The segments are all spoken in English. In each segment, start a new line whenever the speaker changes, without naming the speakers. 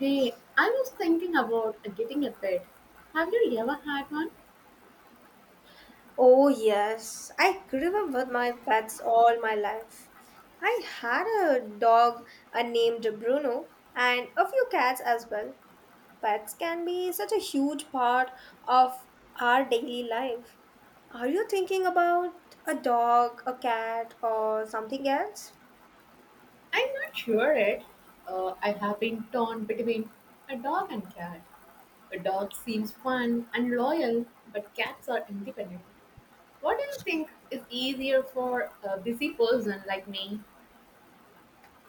Hey, I was thinking about getting a pet. Have you ever had one?
Oh, yes. I grew up with my pets all my life. I had a dog named Bruno and a few cats as well. Pets can be such a huge part of our daily life. Are you thinking about a dog, a cat, or something else?
I'm not sure it. I have been torn between a dog and cat. A dog seems fun and loyal, but cats are independent. What do you think is easier for a busy person like me?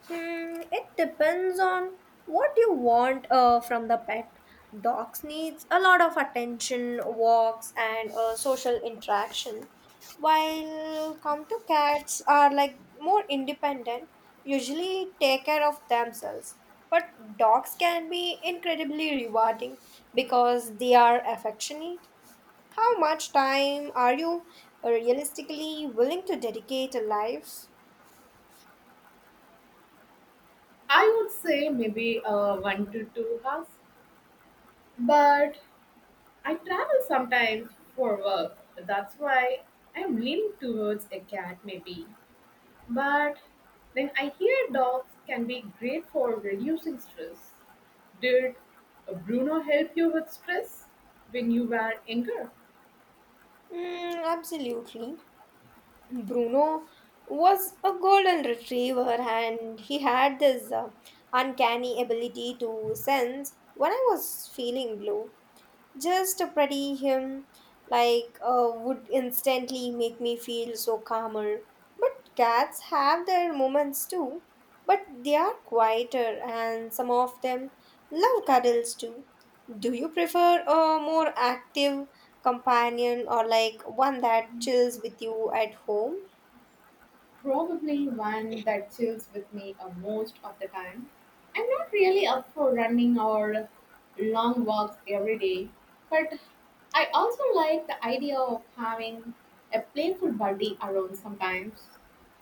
Hmm, it depends on what you want from the pet. Dogs needs a lot of attention, walks, and social interaction. While come to cats are like more independent, usually take care of themselves. But dogs can be incredibly rewarding because they are affectionate. How much time are you realistically willing to dedicate a life?
I would say maybe a one to two house, but I travel sometimes for work. That's why I'm leaning towards a cat, maybe. But then I hear dogs can be great for reducing stress. Did Bruno help you with stress when you were younger?
Mm, absolutely. Bruno was a golden retriever and he had this uncanny ability to sense when I was feeling blue. Just to pretty him like would instantly make me feel so calmer. But cats have their moments too, but they are quieter and some of them love cuddles too. Do you prefer a more active companion or like one that chills with you at home?
Probably one that chills with me most of the time. I'm not really up for running or long walks every day, but I also like the idea of having a playful buddy around sometimes.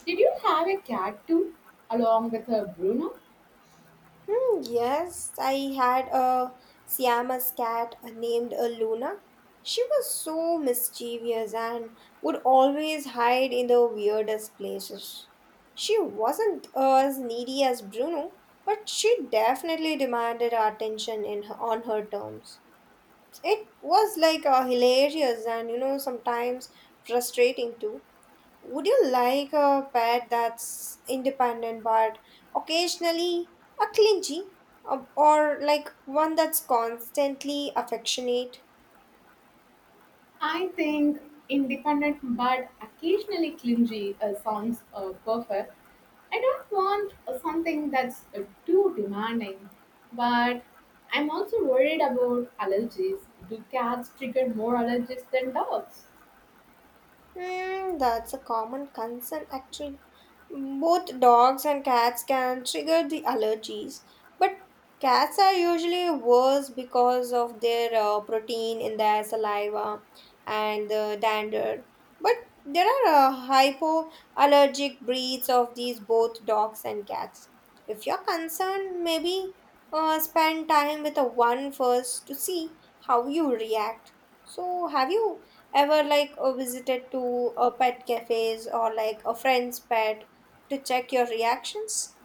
Did you have a cat too, along with a Bruno?
Hmm, yes, I had a Siamese cat named Luna. She was so mischievous and would always hide in the weirdest places. She wasn't as needy as Bruno, but she definitely demanded our attention in her, on her terms. It was like hilarious and sometimes frustrating too. Would you like a pet that's independent but occasionally a clingy or like one that's constantly affectionate?
I think independent but occasionally clingy sounds perfect. I don't want something that's too demanding, but I'm also worried about allergies. Do cats trigger more allergies than dogs?
Hmm, that's a common concern actually. Both dogs and cats can trigger the allergies, but cats are usually worse because of their protein in their saliva and the dander. But there are hypoallergic breeds of these both dogs and cats. If you're concerned, maybe spend time with a one first to see how you react. So, have you ever like visited to a pet cafes or like a friend's pet to check your reactions?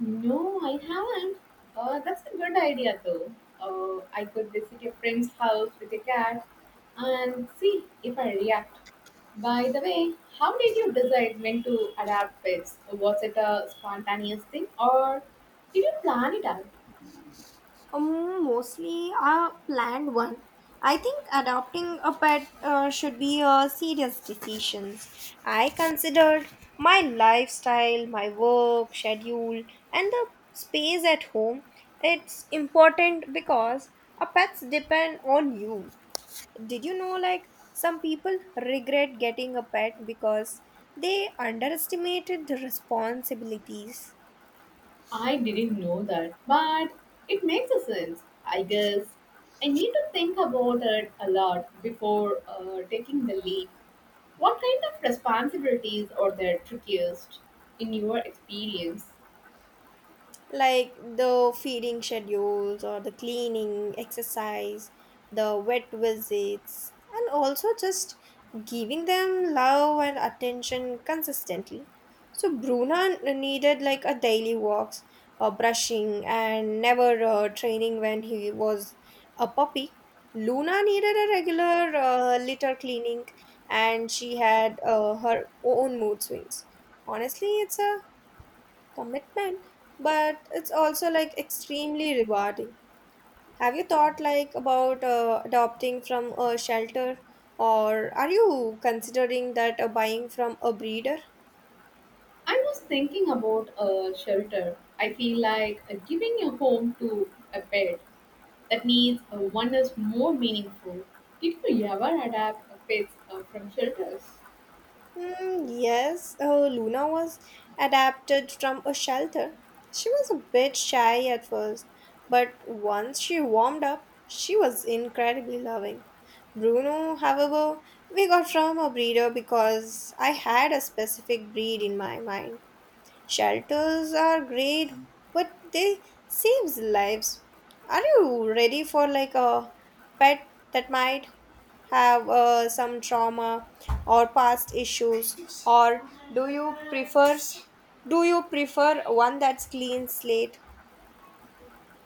No, I haven't. That's a good idea though. I could visit a friend's house with a cat and see if I react. By the way, how did you decide when to adapt pets? Was it a spontaneous thing or did you plan it out?
Mostly a planned one. I think adopting a pet should be a serious decision. I considered my lifestyle, my work schedule, and the space at home. It's important because our pets depend on you. Did you know, like, some people regret getting a pet because they underestimated the responsibilities?
I didn't know that, but it makes a sense, I guess. I need to think about it a lot before taking the leap. What kind of responsibilities are there trickiest in your experience?
Like the feeding schedules or the cleaning, exercise, the vet visits, and also just giving them love and attention consistently. So Bruna needed like a daily walks, brushing, and never training when he was a puppy. Luna needed a regular litter cleaning, and she had her own mood swings. Honestly, it's a commitment but it's also like extremely rewarding. Have you thought like about adopting from a shelter or are you considering that buying from a breeder?
I was thinking about a shelter. I feel like giving a home to a pet that needs one is more meaningful. Did you ever adopt a pets from shelters?
Hmm, yes, Luna was adapted from a shelter. She was a bit shy at first, but once she warmed up she was incredibly loving. Bruno, however, we got from a breeder because I had a specific breed in my mind. Shelters are great, but they saves lives. Are you ready for like a pet that might have some trauma or past issues, or do you prefer do you prefer one that's clean slate?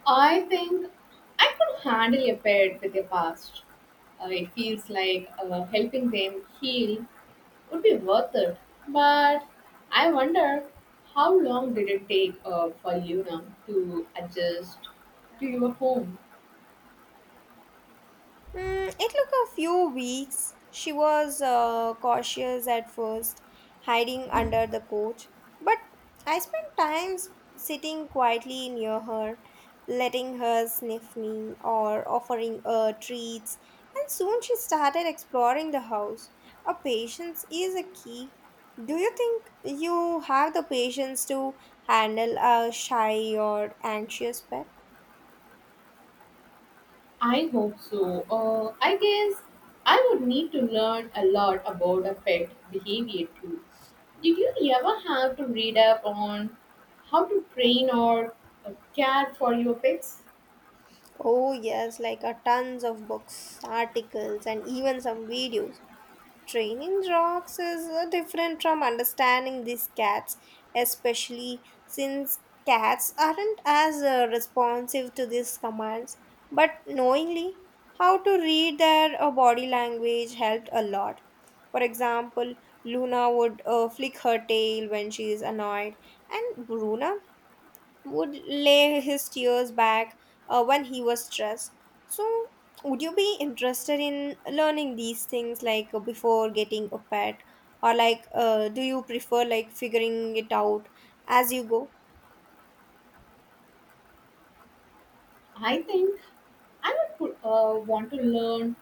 I think I could handle a pet with a past. It feels like helping them heal would be worth it. But I wonder how long did it take for Luna to adjust to your home?
Mm, it took a few weeks. She was cautious at first, hiding under the coach, but I spent time sitting quietly near her, letting her sniff me or offering her treats, and soon she started exploring the house. A patience is a key. Do you think you have the patience to handle a shy or anxious pet?
I hope so. I guess I would need to learn a lot about a pet behavior too. Did you ever have to read up on how to train or care for your pets?
Oh, yes, like a tons of books, articles, and even some videos. Training dogs is different from understanding these cats, especially since cats aren't as responsive to these commands. But knowingly how to read their body language helped a lot. For example, Luna would flick her tail when she is annoyed, and Bruna would lay his tears back when he was stressed. So, would you be interested in learning these things like before getting a pet, or like do you prefer like figuring it out as you go?
I think I would want to learn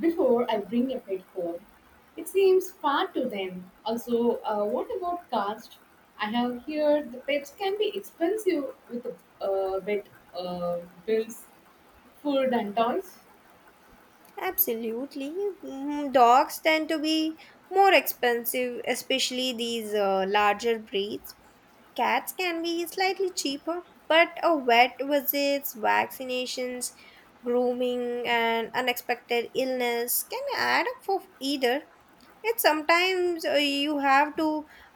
before I bring a pet home. It seems far to them. Also, what about cost? I have heard the pets can be expensive with vet uh, bills, food, and toys.
Absolutely. Mhm. Dogs tend to be more expensive, especially these larger breeds. Cats can be slightly cheaper, but a vet visits, vaccinations, grooming, and unexpected illness can add up for either. It's sometimes you have to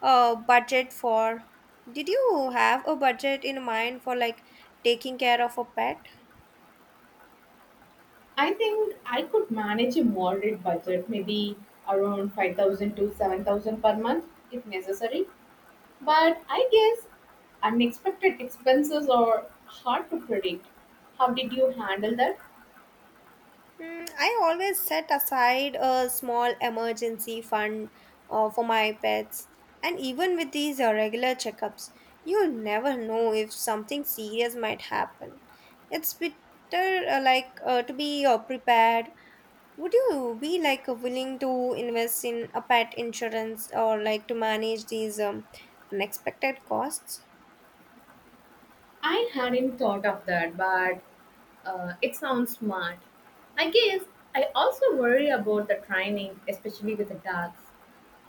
budget for. Did you have a budget in mind for like taking care of a pet?
I think I could manage a moderate budget, maybe around 5,000 to 7,000 per month if necessary. But I guess unexpected expenses are hard to predict. How did you handle that?
Mm, I always set aside a small emergency fund for my pets, and even with these regular checkups, you never know if something serious might happen. It's better like to be prepared. Would you be like willing to invest in a pet insurance or like to manage these unexpected costs?
I hadn't thought of that, but it sounds smart. I guess I also worry about the training, especially with the dogs.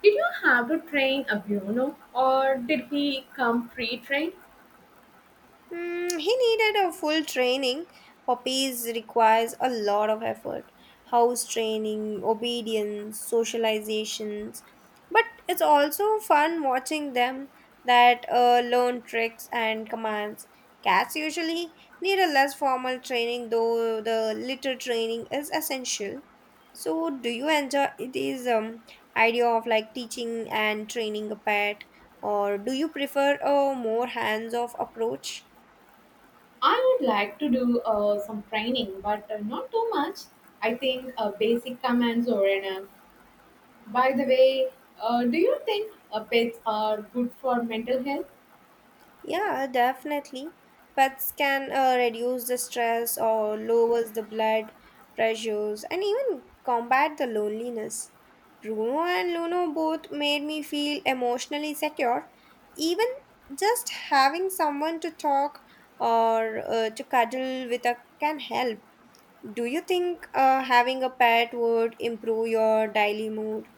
Did you have to train a Bruno, or did he come pre-trained?
Hmm, he needed a full training. Puppies requires a lot of effort. House training, obedience, socializations. But it's also fun watching them that learn tricks and commands. Cats usually need a less formal training, though the litter training is essential. So, do you enjoy this idea of like teaching and training a pet, or do you prefer a more hands-off approach?
I would like to do some training, but not too much. I think basic commands are enough. By the way, do you think pets are good for mental health?
Yeah, definitely. Pets can reduce the stress or lowers the blood pressures and even combat the loneliness. Bruno and Luno both made me feel emotionally secure. Even just having someone to talk or to cuddle with a, can help. Do you think having a pet would improve your daily mood?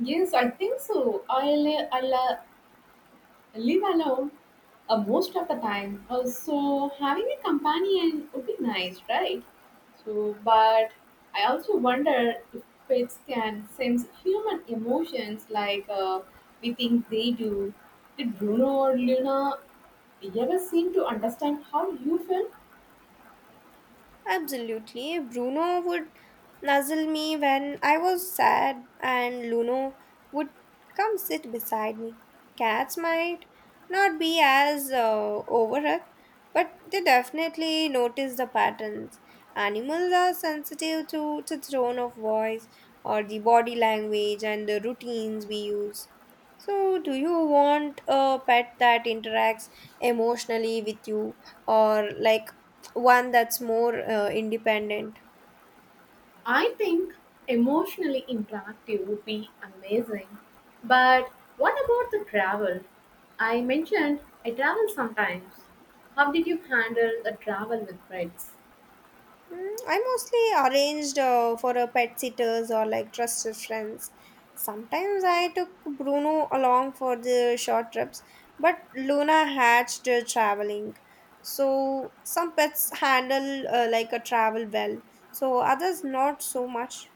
Yes, I think so. I live alone most of the time. So having a companion would be nice, right? So, but I also wonder if pets can sense human emotions like we think they do. Did Bruno or Luna ever seem to understand how you felt?
Absolutely. Bruno would nuzzle me when I was sad, and Luno would come sit beside me. Cats might not be as overheard, but they definitely notice the patterns. Animals are sensitive to the tone of voice or the body language and the routines we use. So, do you want a pet that interacts emotionally with you or like one that's more independent?
I think emotionally interactive would be amazing. But what about the travel? I mentioned I travel sometimes. How did you handle the travel with friends?
Mm, I mostly arranged for a pet sitters or like trusted friends. Sometimes I took Bruno along for the short trips, but Luna hatched traveling. So some pets handle like a travel well, so others not so much.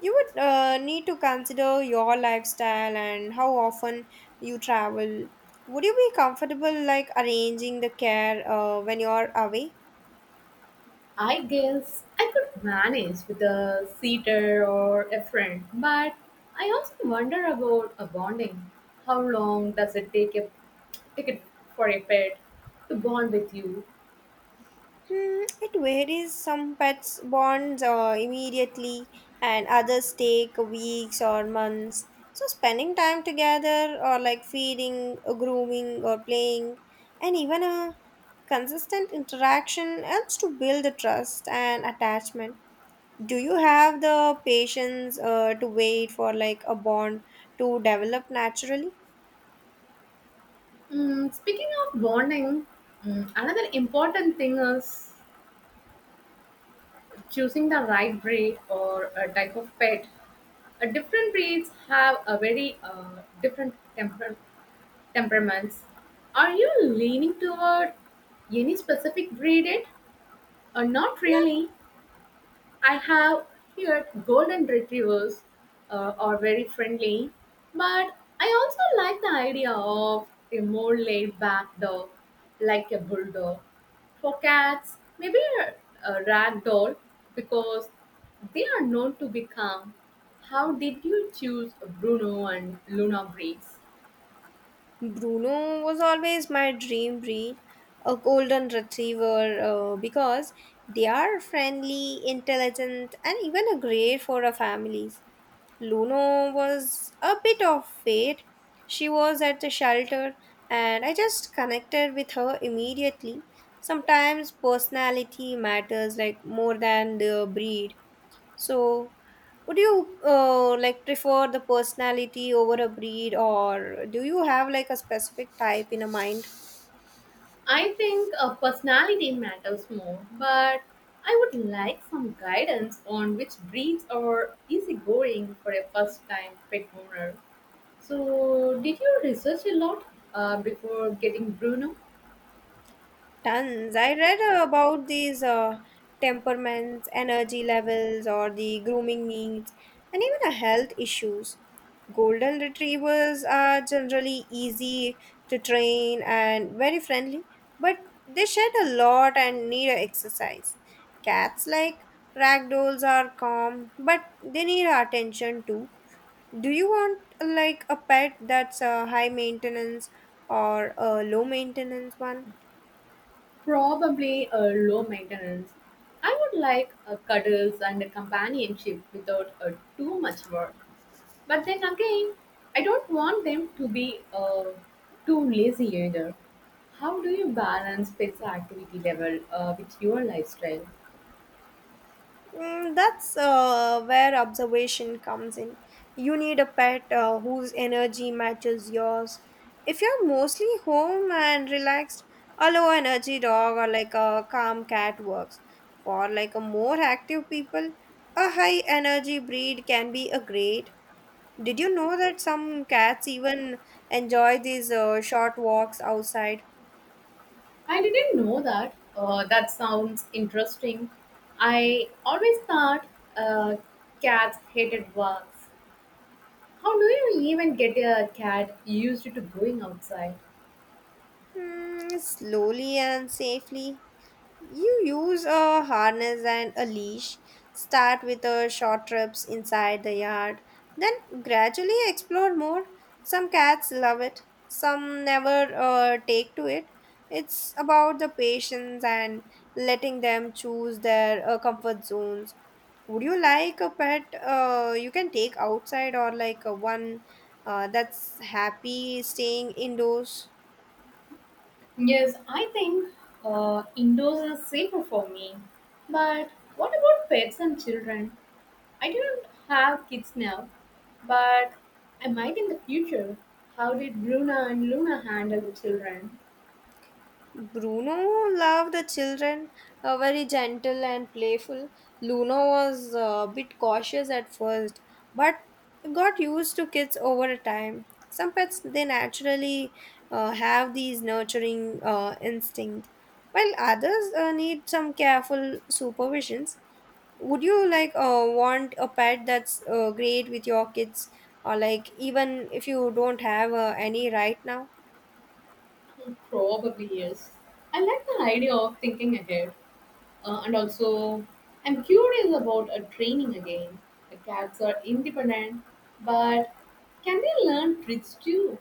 You would need to consider your lifestyle and how often you travel. Would you be comfortable like arranging the care when you're away?
I guess I could manage with a seater or a friend, but I also wonder about a bonding. How long does it take a ticket for a pet to bond with you?
Hmm, it varies. Some pets bond immediately, and others take weeks or months. So, spending time together, or like feeding, or grooming, or playing, and even a consistent interaction helps to build the trust and attachment. Do you have the patience to wait for like a bond to develop naturally?
Speaking of bonding, another important thing is choosing the right breed or a type of pet. Different breeds have a very different temperaments. Are you leaning toward any specific breed? It or not really? I have heard golden retrievers are very friendly, but I also like the idea of a more laid back dog, like a bulldog. For cats, maybe a rag doll because they are known to be calm. How did you choose Bruno and Luna breeds?
Bruno was always my dream breed, a golden retriever, because they are friendly, intelligent, and even a great for our families. Luno was a bit of fate. She was at the shelter, and I just connected with her immediately. Sometimes personality matters like more than the breed. So, would you like prefer the personality over a breed, or do you have like a specific type in a mind?
I think a personality matters more, but I would like some guidance on which breeds are easygoing for a first time pet owner. So, did you research a lot before getting Bruno?
Tons. I read about these temperaments, energy levels, or the grooming needs, and even the health issues. Golden retrievers are generally easy to train and very friendly, but they shed a lot and need a exercise. Cats like ragdolls are calm, but they need our attention too. Do you want like a pet that's a high maintenance or a low maintenance one?
Probably a low maintenance. I would like a cuddles and a companionship without too much work. But then again, I don't want them to be too lazy either. How do you balance pets activity level with your lifestyle?
Mm, that's where observation comes in. You need a pet whose energy matches yours. If you're mostly home and relaxed, a low energy dog or like a calm cat works. For like a more active people, a high energy breed can be a great. Did you know that some cats even enjoy these short walks outside?
I didn't know that. That sounds interesting. I always thought uh, cats hated walks. How do you even get a cat used to going outside?
Mm, slowly and safely. You use a harness and a leash. Start with a short trips inside the yard, then gradually explore more. Some cats love it, some never take to it. It's about the patience and letting them choose their comfort zones. Would you like a pet you can take outside or like a one that's happy staying indoors?
Yes, I think indoors is safer for me. But what about pets and children? I don't have kids now, but I might in the future. How did Bruna and Luna handle the children?
Bruno loved the children, very gentle and playful. Luna was a bit cautious at first, but got used to kids over time. Some pets they naturally have these nurturing instinct, while others need some careful supervisions. Would you like want a pet that's great with your kids, or like even if you don't have any right now?
Probably yes. I like the idea of thinking ahead, and also I'm curious about a training again. The cats are independent, but can they learn tricks too?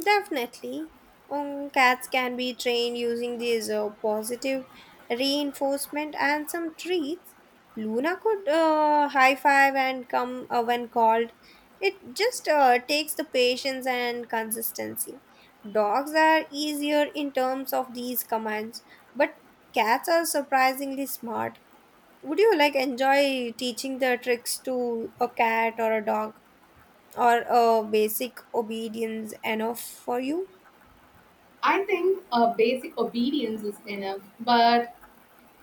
Definitely. Cats can be trained using these positive reinforcement and some treats. Luna could high five and come when called. It just takes the patience and consistency. Dogs are easier in terms of these commands, but cats are surprisingly smart. Would you like enjoy teaching the tricks to a cat or a dog, or a basic obedience enough for you?
I think basic obedience is enough, but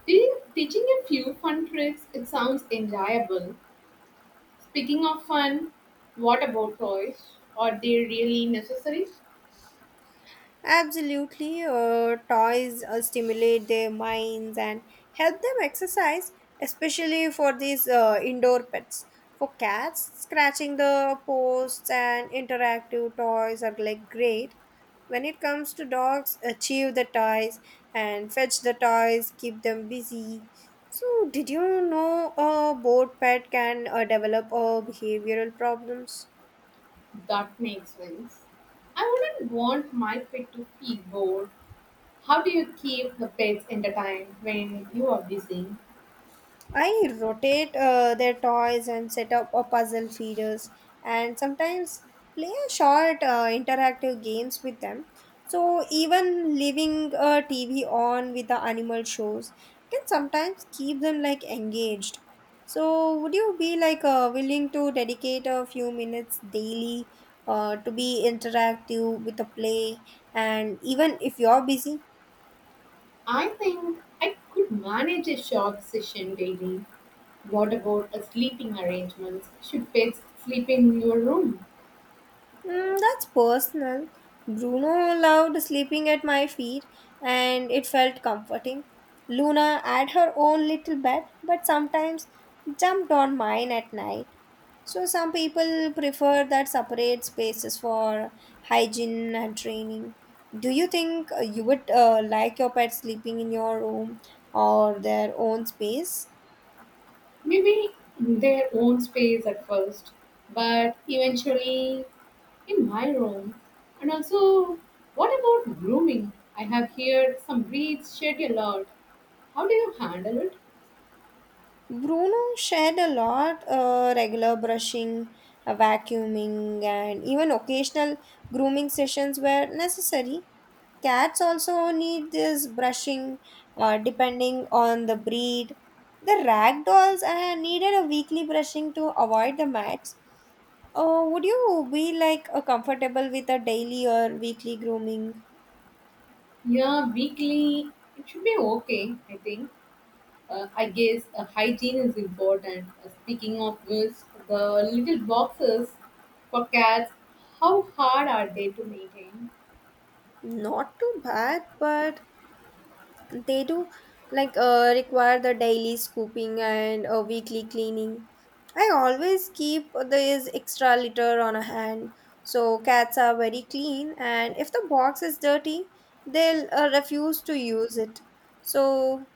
teaching a few fun tricks it sounds enjoyable. Speaking of fun, what about toys? Are they really necessary?
Absolutely, toys stimulate their minds and help them exercise, especially for these indoor pets. For cats, scratching the posts and interactive toys are like great. When it comes to dogs, achieve the toys and fetch the toys, keep them busy. So, did you know a bored pet can develop behavioral problems?
That makes sense. I wouldn't want my pet to feel bored. How do you keep the pets entertained when you are busy?
I rotate their toys and set up a puzzle feeders and sometimes play a short interactive games with them. So even leaving a TV on with the animal shows can sometimes keep them like engaged. So would you be like willing to dedicate a few minutes daily to be interactive with the play and even if you're busy?
I think I could manage a short session daily. What about a sleeping arrangements? Should pets sleep in your room?
Mm, that's personal. Bruno loved sleeping at my feet, and it felt comforting. Luna had her own little bed, but sometimes jumped on mine at night. So, some people prefer that separate spaces for hygiene and training. Do you think you would like your pet sleeping in your room or their own space?
Maybe their own space at first, but eventually in my room. And also, what about grooming? I have heard some breeds shed a lot. How do you handle it?
Bruno shared a lot regular brushing, vacuuming, and even occasional grooming sessions were necessary. Cats also need this brushing depending on the breed. The ragdolls needed a weekly brushing to avoid the mats. Would you be like comfortable with a daily or weekly grooming?
Yeah, weekly, it should be okay, I think. I guess hygiene is important. Speaking of which, the little boxes for cats, how hard are they to maintain?
Not too bad, but they do like require the daily scooping and weekly cleaning. I always keep this extra litter on a hand. So cats are very clean, and if the box is dirty, they'll refuse to use it. So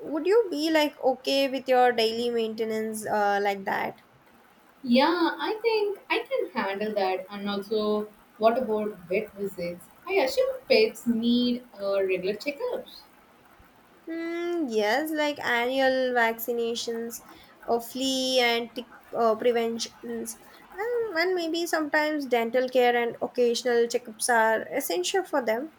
would you be like okay with your daily maintenance like that?
Yeah, I think I can handle that. And also, what about vet visits? I assume pets need regular checkups.
Mm, yes, like annual vaccinations of flea and tick preventions, and maybe sometimes dental care and occasional checkups are essential for them.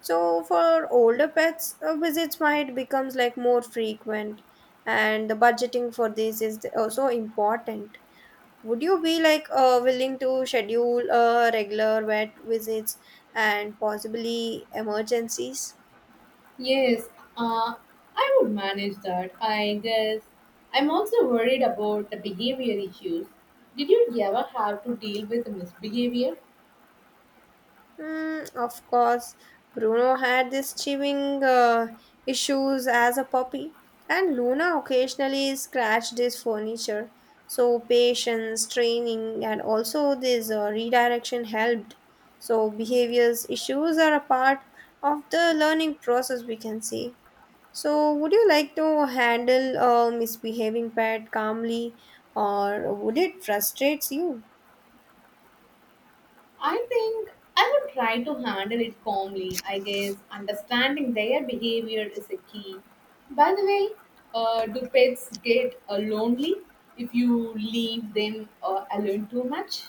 So for older pets, visits might becomes like more frequent, and the budgeting for this is also important. Would you be like willing to schedule regular vet visits and possibly emergencies?
Yes, uh, I would manage that. I guess I'm also worried about the behavior issues. Did you ever have to deal with misbehavior?
Mm, of course, Bruno had these chewing issues as a puppy, and Luna occasionally scratched his furniture. So, patience, training, and also this redirection helped. So, behaviors issues are a part of the learning process, we can say. So, would you like to handle a misbehaving pet calmly, or would it frustrates you?
I think I would try to handle it calmly. I guess understanding their behavior is a key. By the way, do pets get lonely if you leave them alone too much?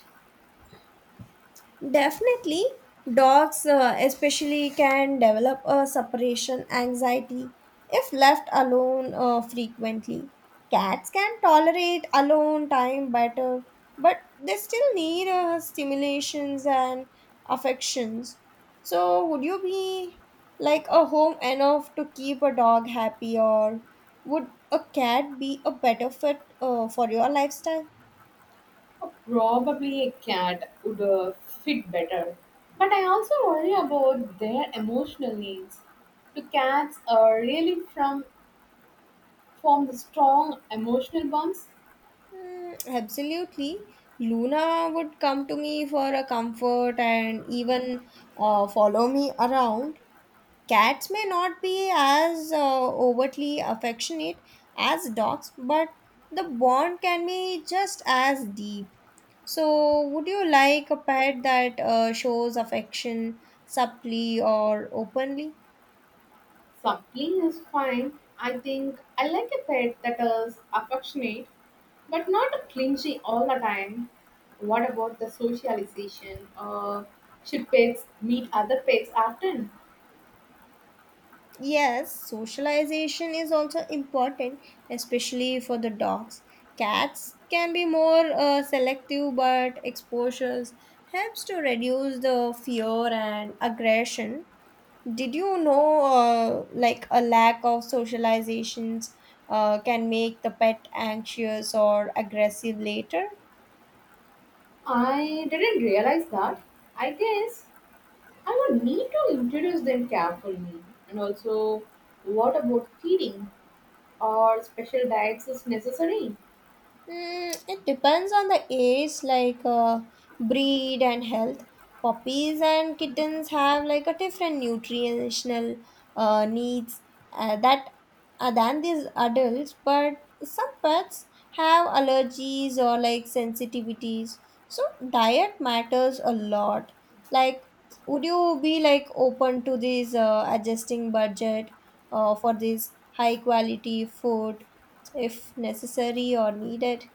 Definitely, dogs especially can develop a separation anxiety if left alone frequently. Cats can tolerate alone time better, but they still need stimulations and affections. So, would you be like a home enough to keep a dog happy, or would a cat be a better fit for your lifestyle?
Probably a cat would fit better. But I also worry about their emotional needs. Do cats really from form the strong emotional bonds?
Mm, absolutely. Luna would come to me for a comfort and even follow me around. Cats may not be as overtly affectionate as dogs, but the bond can be just as deep. So, would you like a pet that shows affection subtly or openly?
Something is fine. I think I like a pet that is affectionate but not clingy all the time. What about the socialization? Should pets meet other pets often?
Yes, socialization is also important, especially for the dogs. Cats can be more selective, but exposures helps to reduce the fear and aggression. Did you know, like a lack of socializations can make the pet anxious or aggressive later?
I didn't realize that. I guess I would need to introduce them carefully. And also, what about feeding or special diets is necessary?
Mm, it depends on the age, like breed and health. Puppies and kittens have like a different nutritional needs that than these adults, but some pets have allergies or like sensitivities. So diet matters a lot. Like, would you be like open to this adjusting budget for this high quality food if necessary or needed?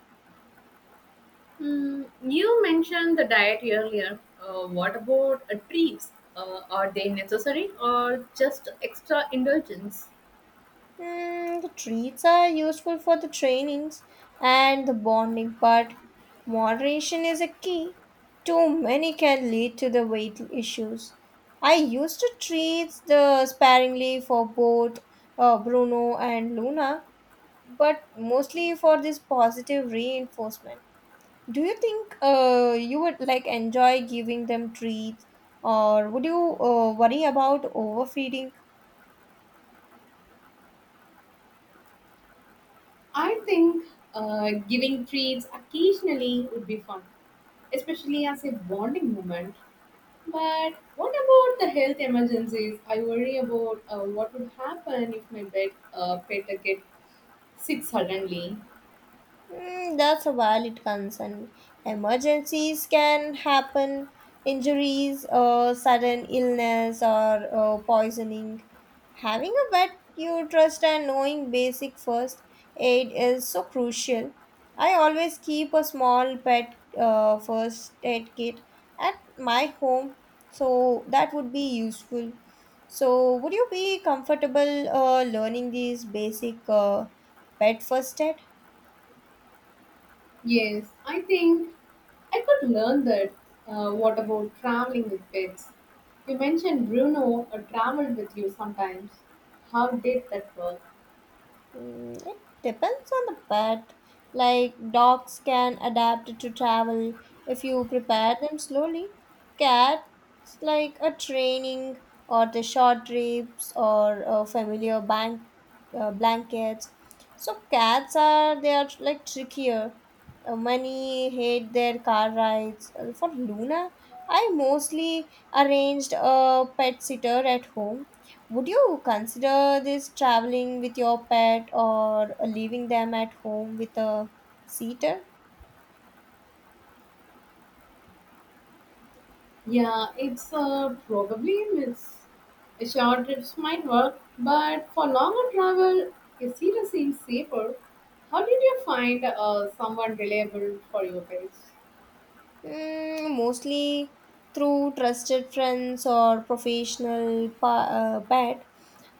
You mentioned the diet earlier. What about treats? Are they necessary or just extra indulgence?
Mm, the treats are useful for the trainings and the bonding, but moderation is a key. Too many can lead to the weight issues. I used to treat the sparingly for both Bruno and Luna, but mostly for this positive reinforcement. Do you think you would like enjoy giving them treats, or would you worry about overfeeding?
I think giving treats occasionally would be fun, especially as a bonding moment. But what about the health emergencies? I worry about what would happen if my pet get sick suddenly.
Mm, that's a valid concern. Emergencies can happen, injuries, or sudden illness, or poisoning. Having a vet you trust and knowing basic first aid is so crucial. I always keep a small pet first aid kit at my home, so that would be useful. So, would you be comfortable learning these basic pet first aid?
Yes, I think I could learn that. What about traveling with pets? You mentioned Bruno traveled with you sometimes. How did that work?
Mm, it depends on the pet. Like dogs can adapt to travel if you prepare them slowly. Cats like a training or the short trips or familiar bank blankets. So cats are, they are like trickier. Many hate their car rides. For Luna, I mostly arranged a pet sitter at home. Would you consider this traveling with your pet or leaving them at home with a sitter?
Yeah, it's probably a miss. A short trips might work, but for longer travel, a seater seems safer. How did you find someone reliable for your pets?
Mm, mostly through trusted friends or professional pet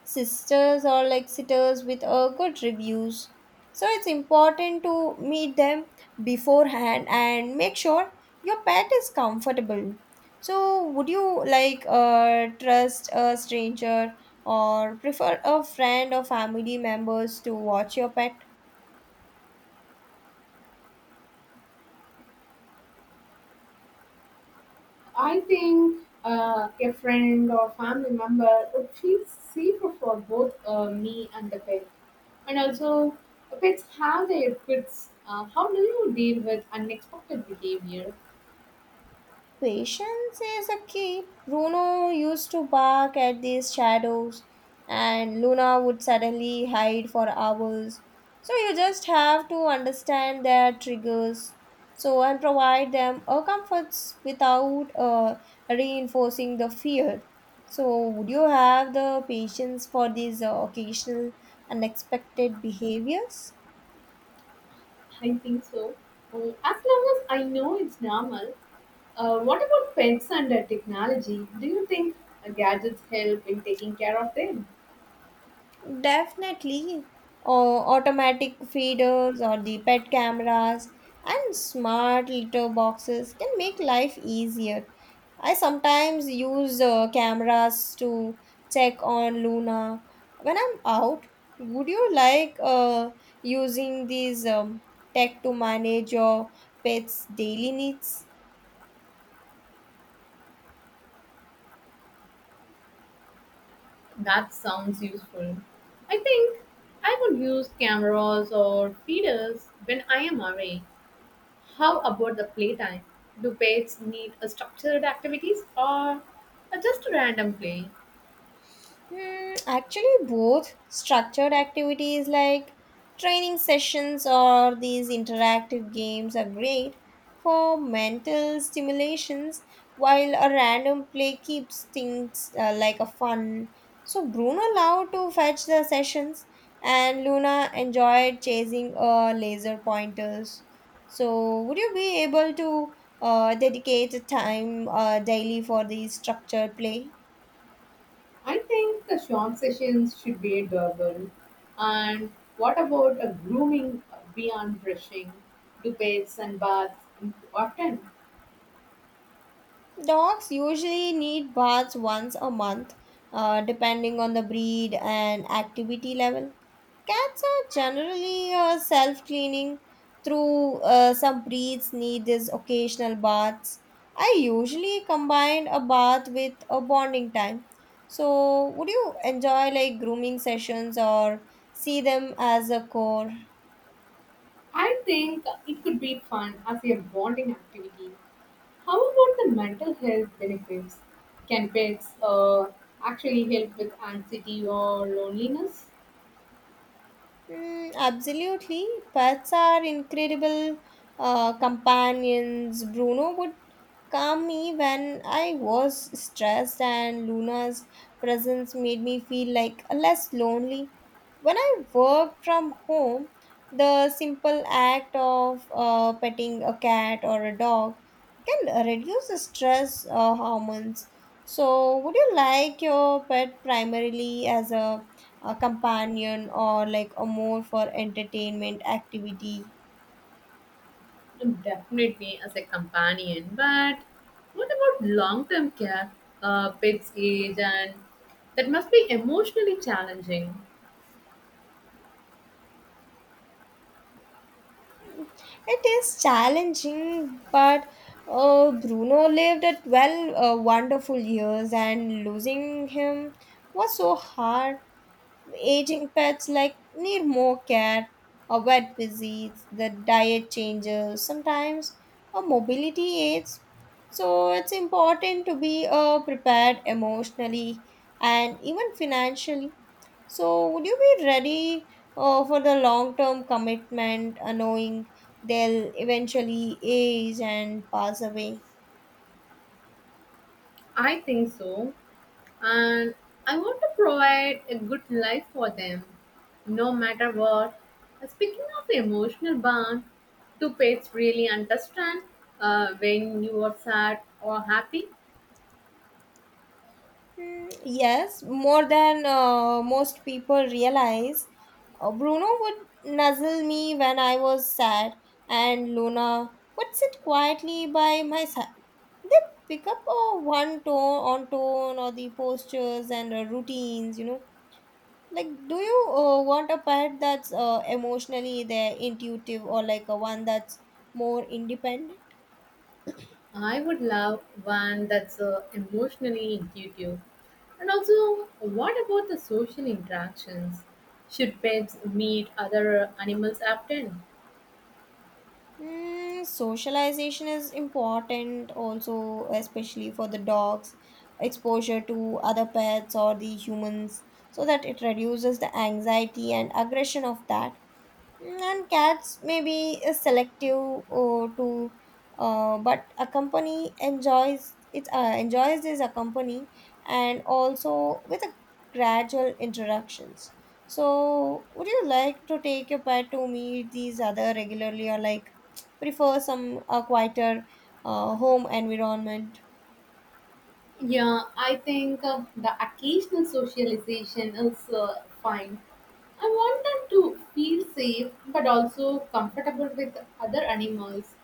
sisters or like lecturers with good reviews. So it's important to meet them beforehand and make sure your pet is comfortable. So would you like trust a stranger or prefer a friend or family members to watch your pet?
I think a friend or family member would feel safer for both me and the pet. And also, pets have their quirks. How do you deal with unexpected behavior?
Patience is a key. Bruno used to bark at these shadows, and Luna would suddenly hide for hours. So you just have to understand their triggers. So and provide them a comforts without reinforcing the fear. So would you have the patience for these occasional unexpected behaviors?
I think so. Well, as long as I know it's normal, what about pets and technology? Do you think gadgets help in taking care of them?
Definitely, uh, automatic feeders or the pet cameras and smart litter boxes can make life easier. I sometimes use cameras to check on Luna when I'm out. Would you like using these tech to manage your pet's daily needs?
That sounds useful. I think I would use cameras or feeders when I am away. How about the playtime? Do pets need a structured activities or a just a random play?
Hmm, actually, both structured activities like training sessions or these interactive games are great for mental stimulations, while a random play keeps things like a fun. So Bruno loved to fetch the sessions, and Luna enjoyed chasing laser pointers. So, would you be able to dedicate time daily for the structured play?
I think the short sessions should be doable. And what about a grooming beyond brushing? Do pets and baths often?
Dogs usually need baths once a month, depending on the breed and activity level. Cats are generally self cleaning, through some breeds need these occasional baths. I usually combine a bath with a bonding time. So, would you enjoy like grooming sessions or see them as a core?
I think it could be fun as a bonding activity. How about the mental health benefits? Can pets actually help with anxiety or loneliness?
Mm, absolutely. Pets are incredible companions. Bruno would calm me when I was stressed, and Luna's presence made me feel like less lonely. When I worked from home, the simple act of petting a cat or a dog can reduce the stress hormones. So, would you like your pet primarily as a companion or like a more for entertainment activity?
Definitely as a companion, but what about long term care, pets' age, and that must be emotionally challenging.
It is challenging, but Bruno lived at well wonderful years, and losing him was so hard. Aging pets like need more care, a vet visits, the diet changes, sometimes a mobility aids. So it's important to be prepared emotionally and even financially. So, would you be ready for the long term commitment, knowing they'll eventually age and pass away?
I think so, and I want to provide a good life for them, no matter what. Speaking of the emotional bond, do pets really understand when you are sad or happy?
Hmm, yes, more than most people realize. Bruno would nuzzle me when I was sad, and Luna would sit quietly by my side. They pick up one tone on tone or the postures and routines, like, do you want a pet that's emotionally there, intuitive, or like a one that's more independent?
I would love one that's emotionally intuitive. And also, what about the social interactions? Should pets meet other animals often?
Mm, socialization is important also, especially for the dogs, exposure to other pets or the humans, so that it reduces the anxiety and aggression of that. Mm, and cats may be selective to but a company enjoys it enjoys this accompany and also with a gradual interactions. So would you like to take your pet to meet these other regularly, or like prefer some quieter home environment?
Yeah, I think the occasional socialization is fine. I want them to feel safe but also comfortable with other animals.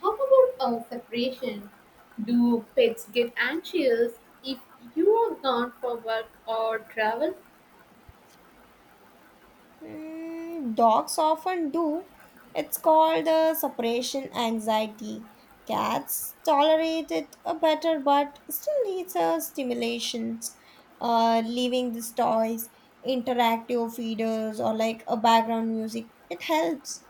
How about separation? Do pets get anxious if you are gone for work or travel?
Mm, dogs often do. It's called the separation anxiety. Cats tolerate it better but still needs a stimulations. Leaving these toys, interactive feeders or like a background music, it helps.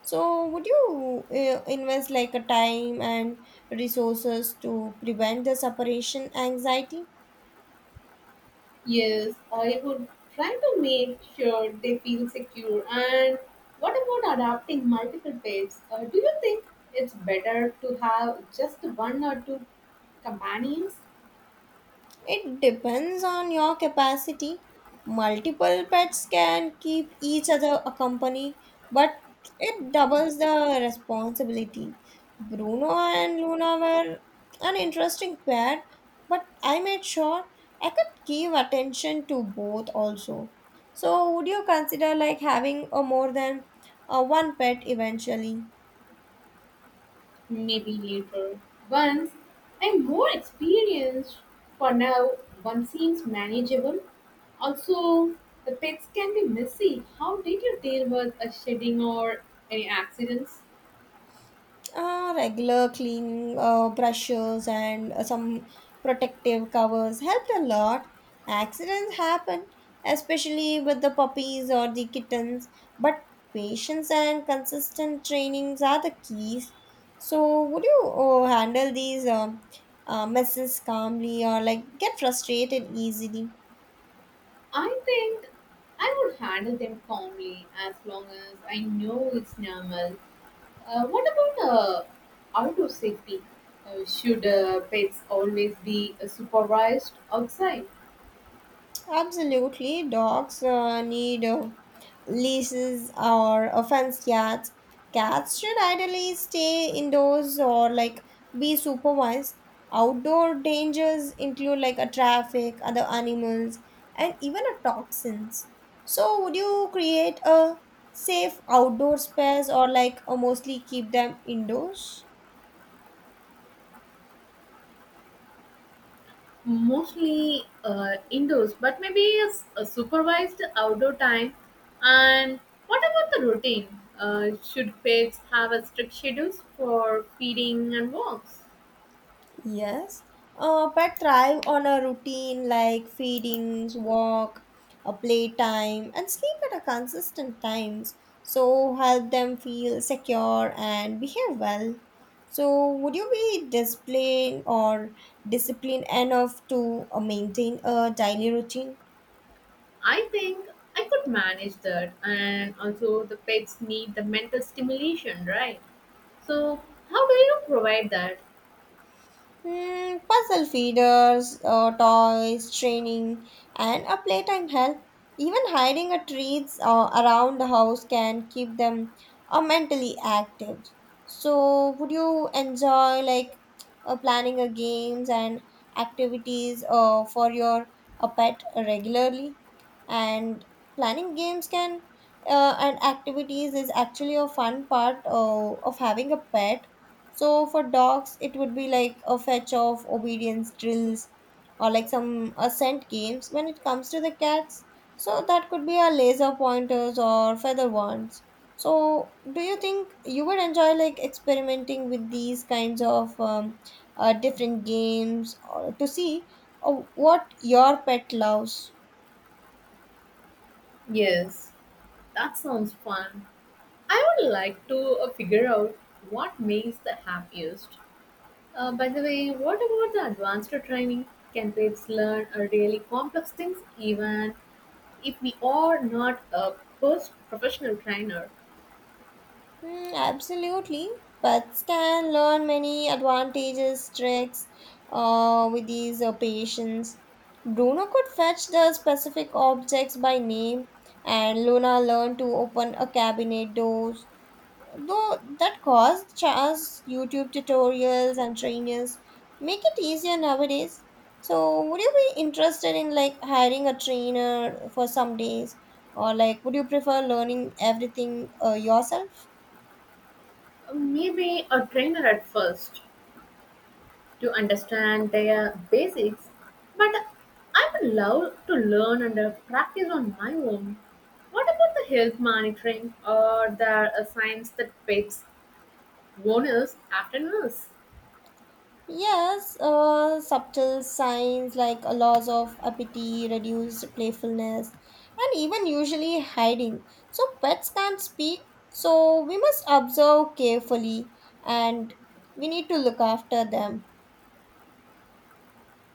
So would you invest like a time and resources to prevent the separation anxiety?
Yes, I would try to make sure they feel secure. And what about adapting multiple pets? Do you think it's better to have just one or two companions?
It depends on your capacity. Multiple pets can keep each other a company, but it doubles the responsibility. Bruno and Luna were an interesting pair, but I made sure I could give attention to both also. So, would you consider like having a more than one pet eventually?
Maybe later. Once I'm more experienced, for now, one seems manageable. Also, the pets can be messy. How did you deal with a shedding or any accidents?
Regular cleaning brushes and some protective covers helped a lot. Accidents happen, especially with the puppies or the kittens, but patience and consistent trainings are the keys. So, would you handle these messes calmly or like get frustrated easily?
I think I would handle them calmly as long as I know it's normal. What about outdoor safety? Should pets always be supervised outside?
Absolutely, dogs need leashes or a fenced yards. Cats should ideally stay indoors or like be supervised. Outdoor dangers include like a traffic, other animals, and even a toxins. So, would you create a safe outdoor space or like mostly keep them indoors?
Mostly indoors, but maybe a supervised outdoor time. And what about the routine? Should pets have a strict schedules for feeding and walks?
Yes, but thrive on a routine like feedings, walk, a playtime, and sleep at a consistent times. So help them feel secure and behave well. So would you be disciplined enough to maintain a daily routine?
I think I could manage that, and also the pets need the mental stimulation, right? So, how do you provide that?
Hmm, puzzle feeders, toys, training, and a playtime help. Even hiding a treats around the house can keep them mentally active. So, would you enjoy like planning a games and activities for your pet regularly? And planning games can and activities is actually a fun part of having a pet. So for dogs, it would be like a fetch of obedience drills or like some ascent games. When it comes to the cats, so that could be a laser pointers or feather wands. So do you think you would enjoy like experimenting with these kinds of different games or to see what your pet loves?
Yes. That sounds fun. I would like to figure out what makes the happiest. By the way, what about the advanced training? Can kids learn really complex things even if we are not a first professional trainer?
Mm, absolutely. Pets can learn many advantages, tricks with these patients. Bruno could fetch the specific objects by name, and Luna learned to open a cabinet doors. Though that caused Charles YouTube tutorials and trainers make it easier nowadays. So, would you be interested in like hiring a trainer for some days, or like would you prefer learning everything yourself?
Maybe a trainer at first, to understand their basics, but I would love to learn and practice on my own. What about the health monitoring or the science that pets owners after nurse?
Yes, subtle signs like a loss of appetite, reduced playfulness, and even usually hiding. So pets can't speak, so we must observe carefully and we need to look after them.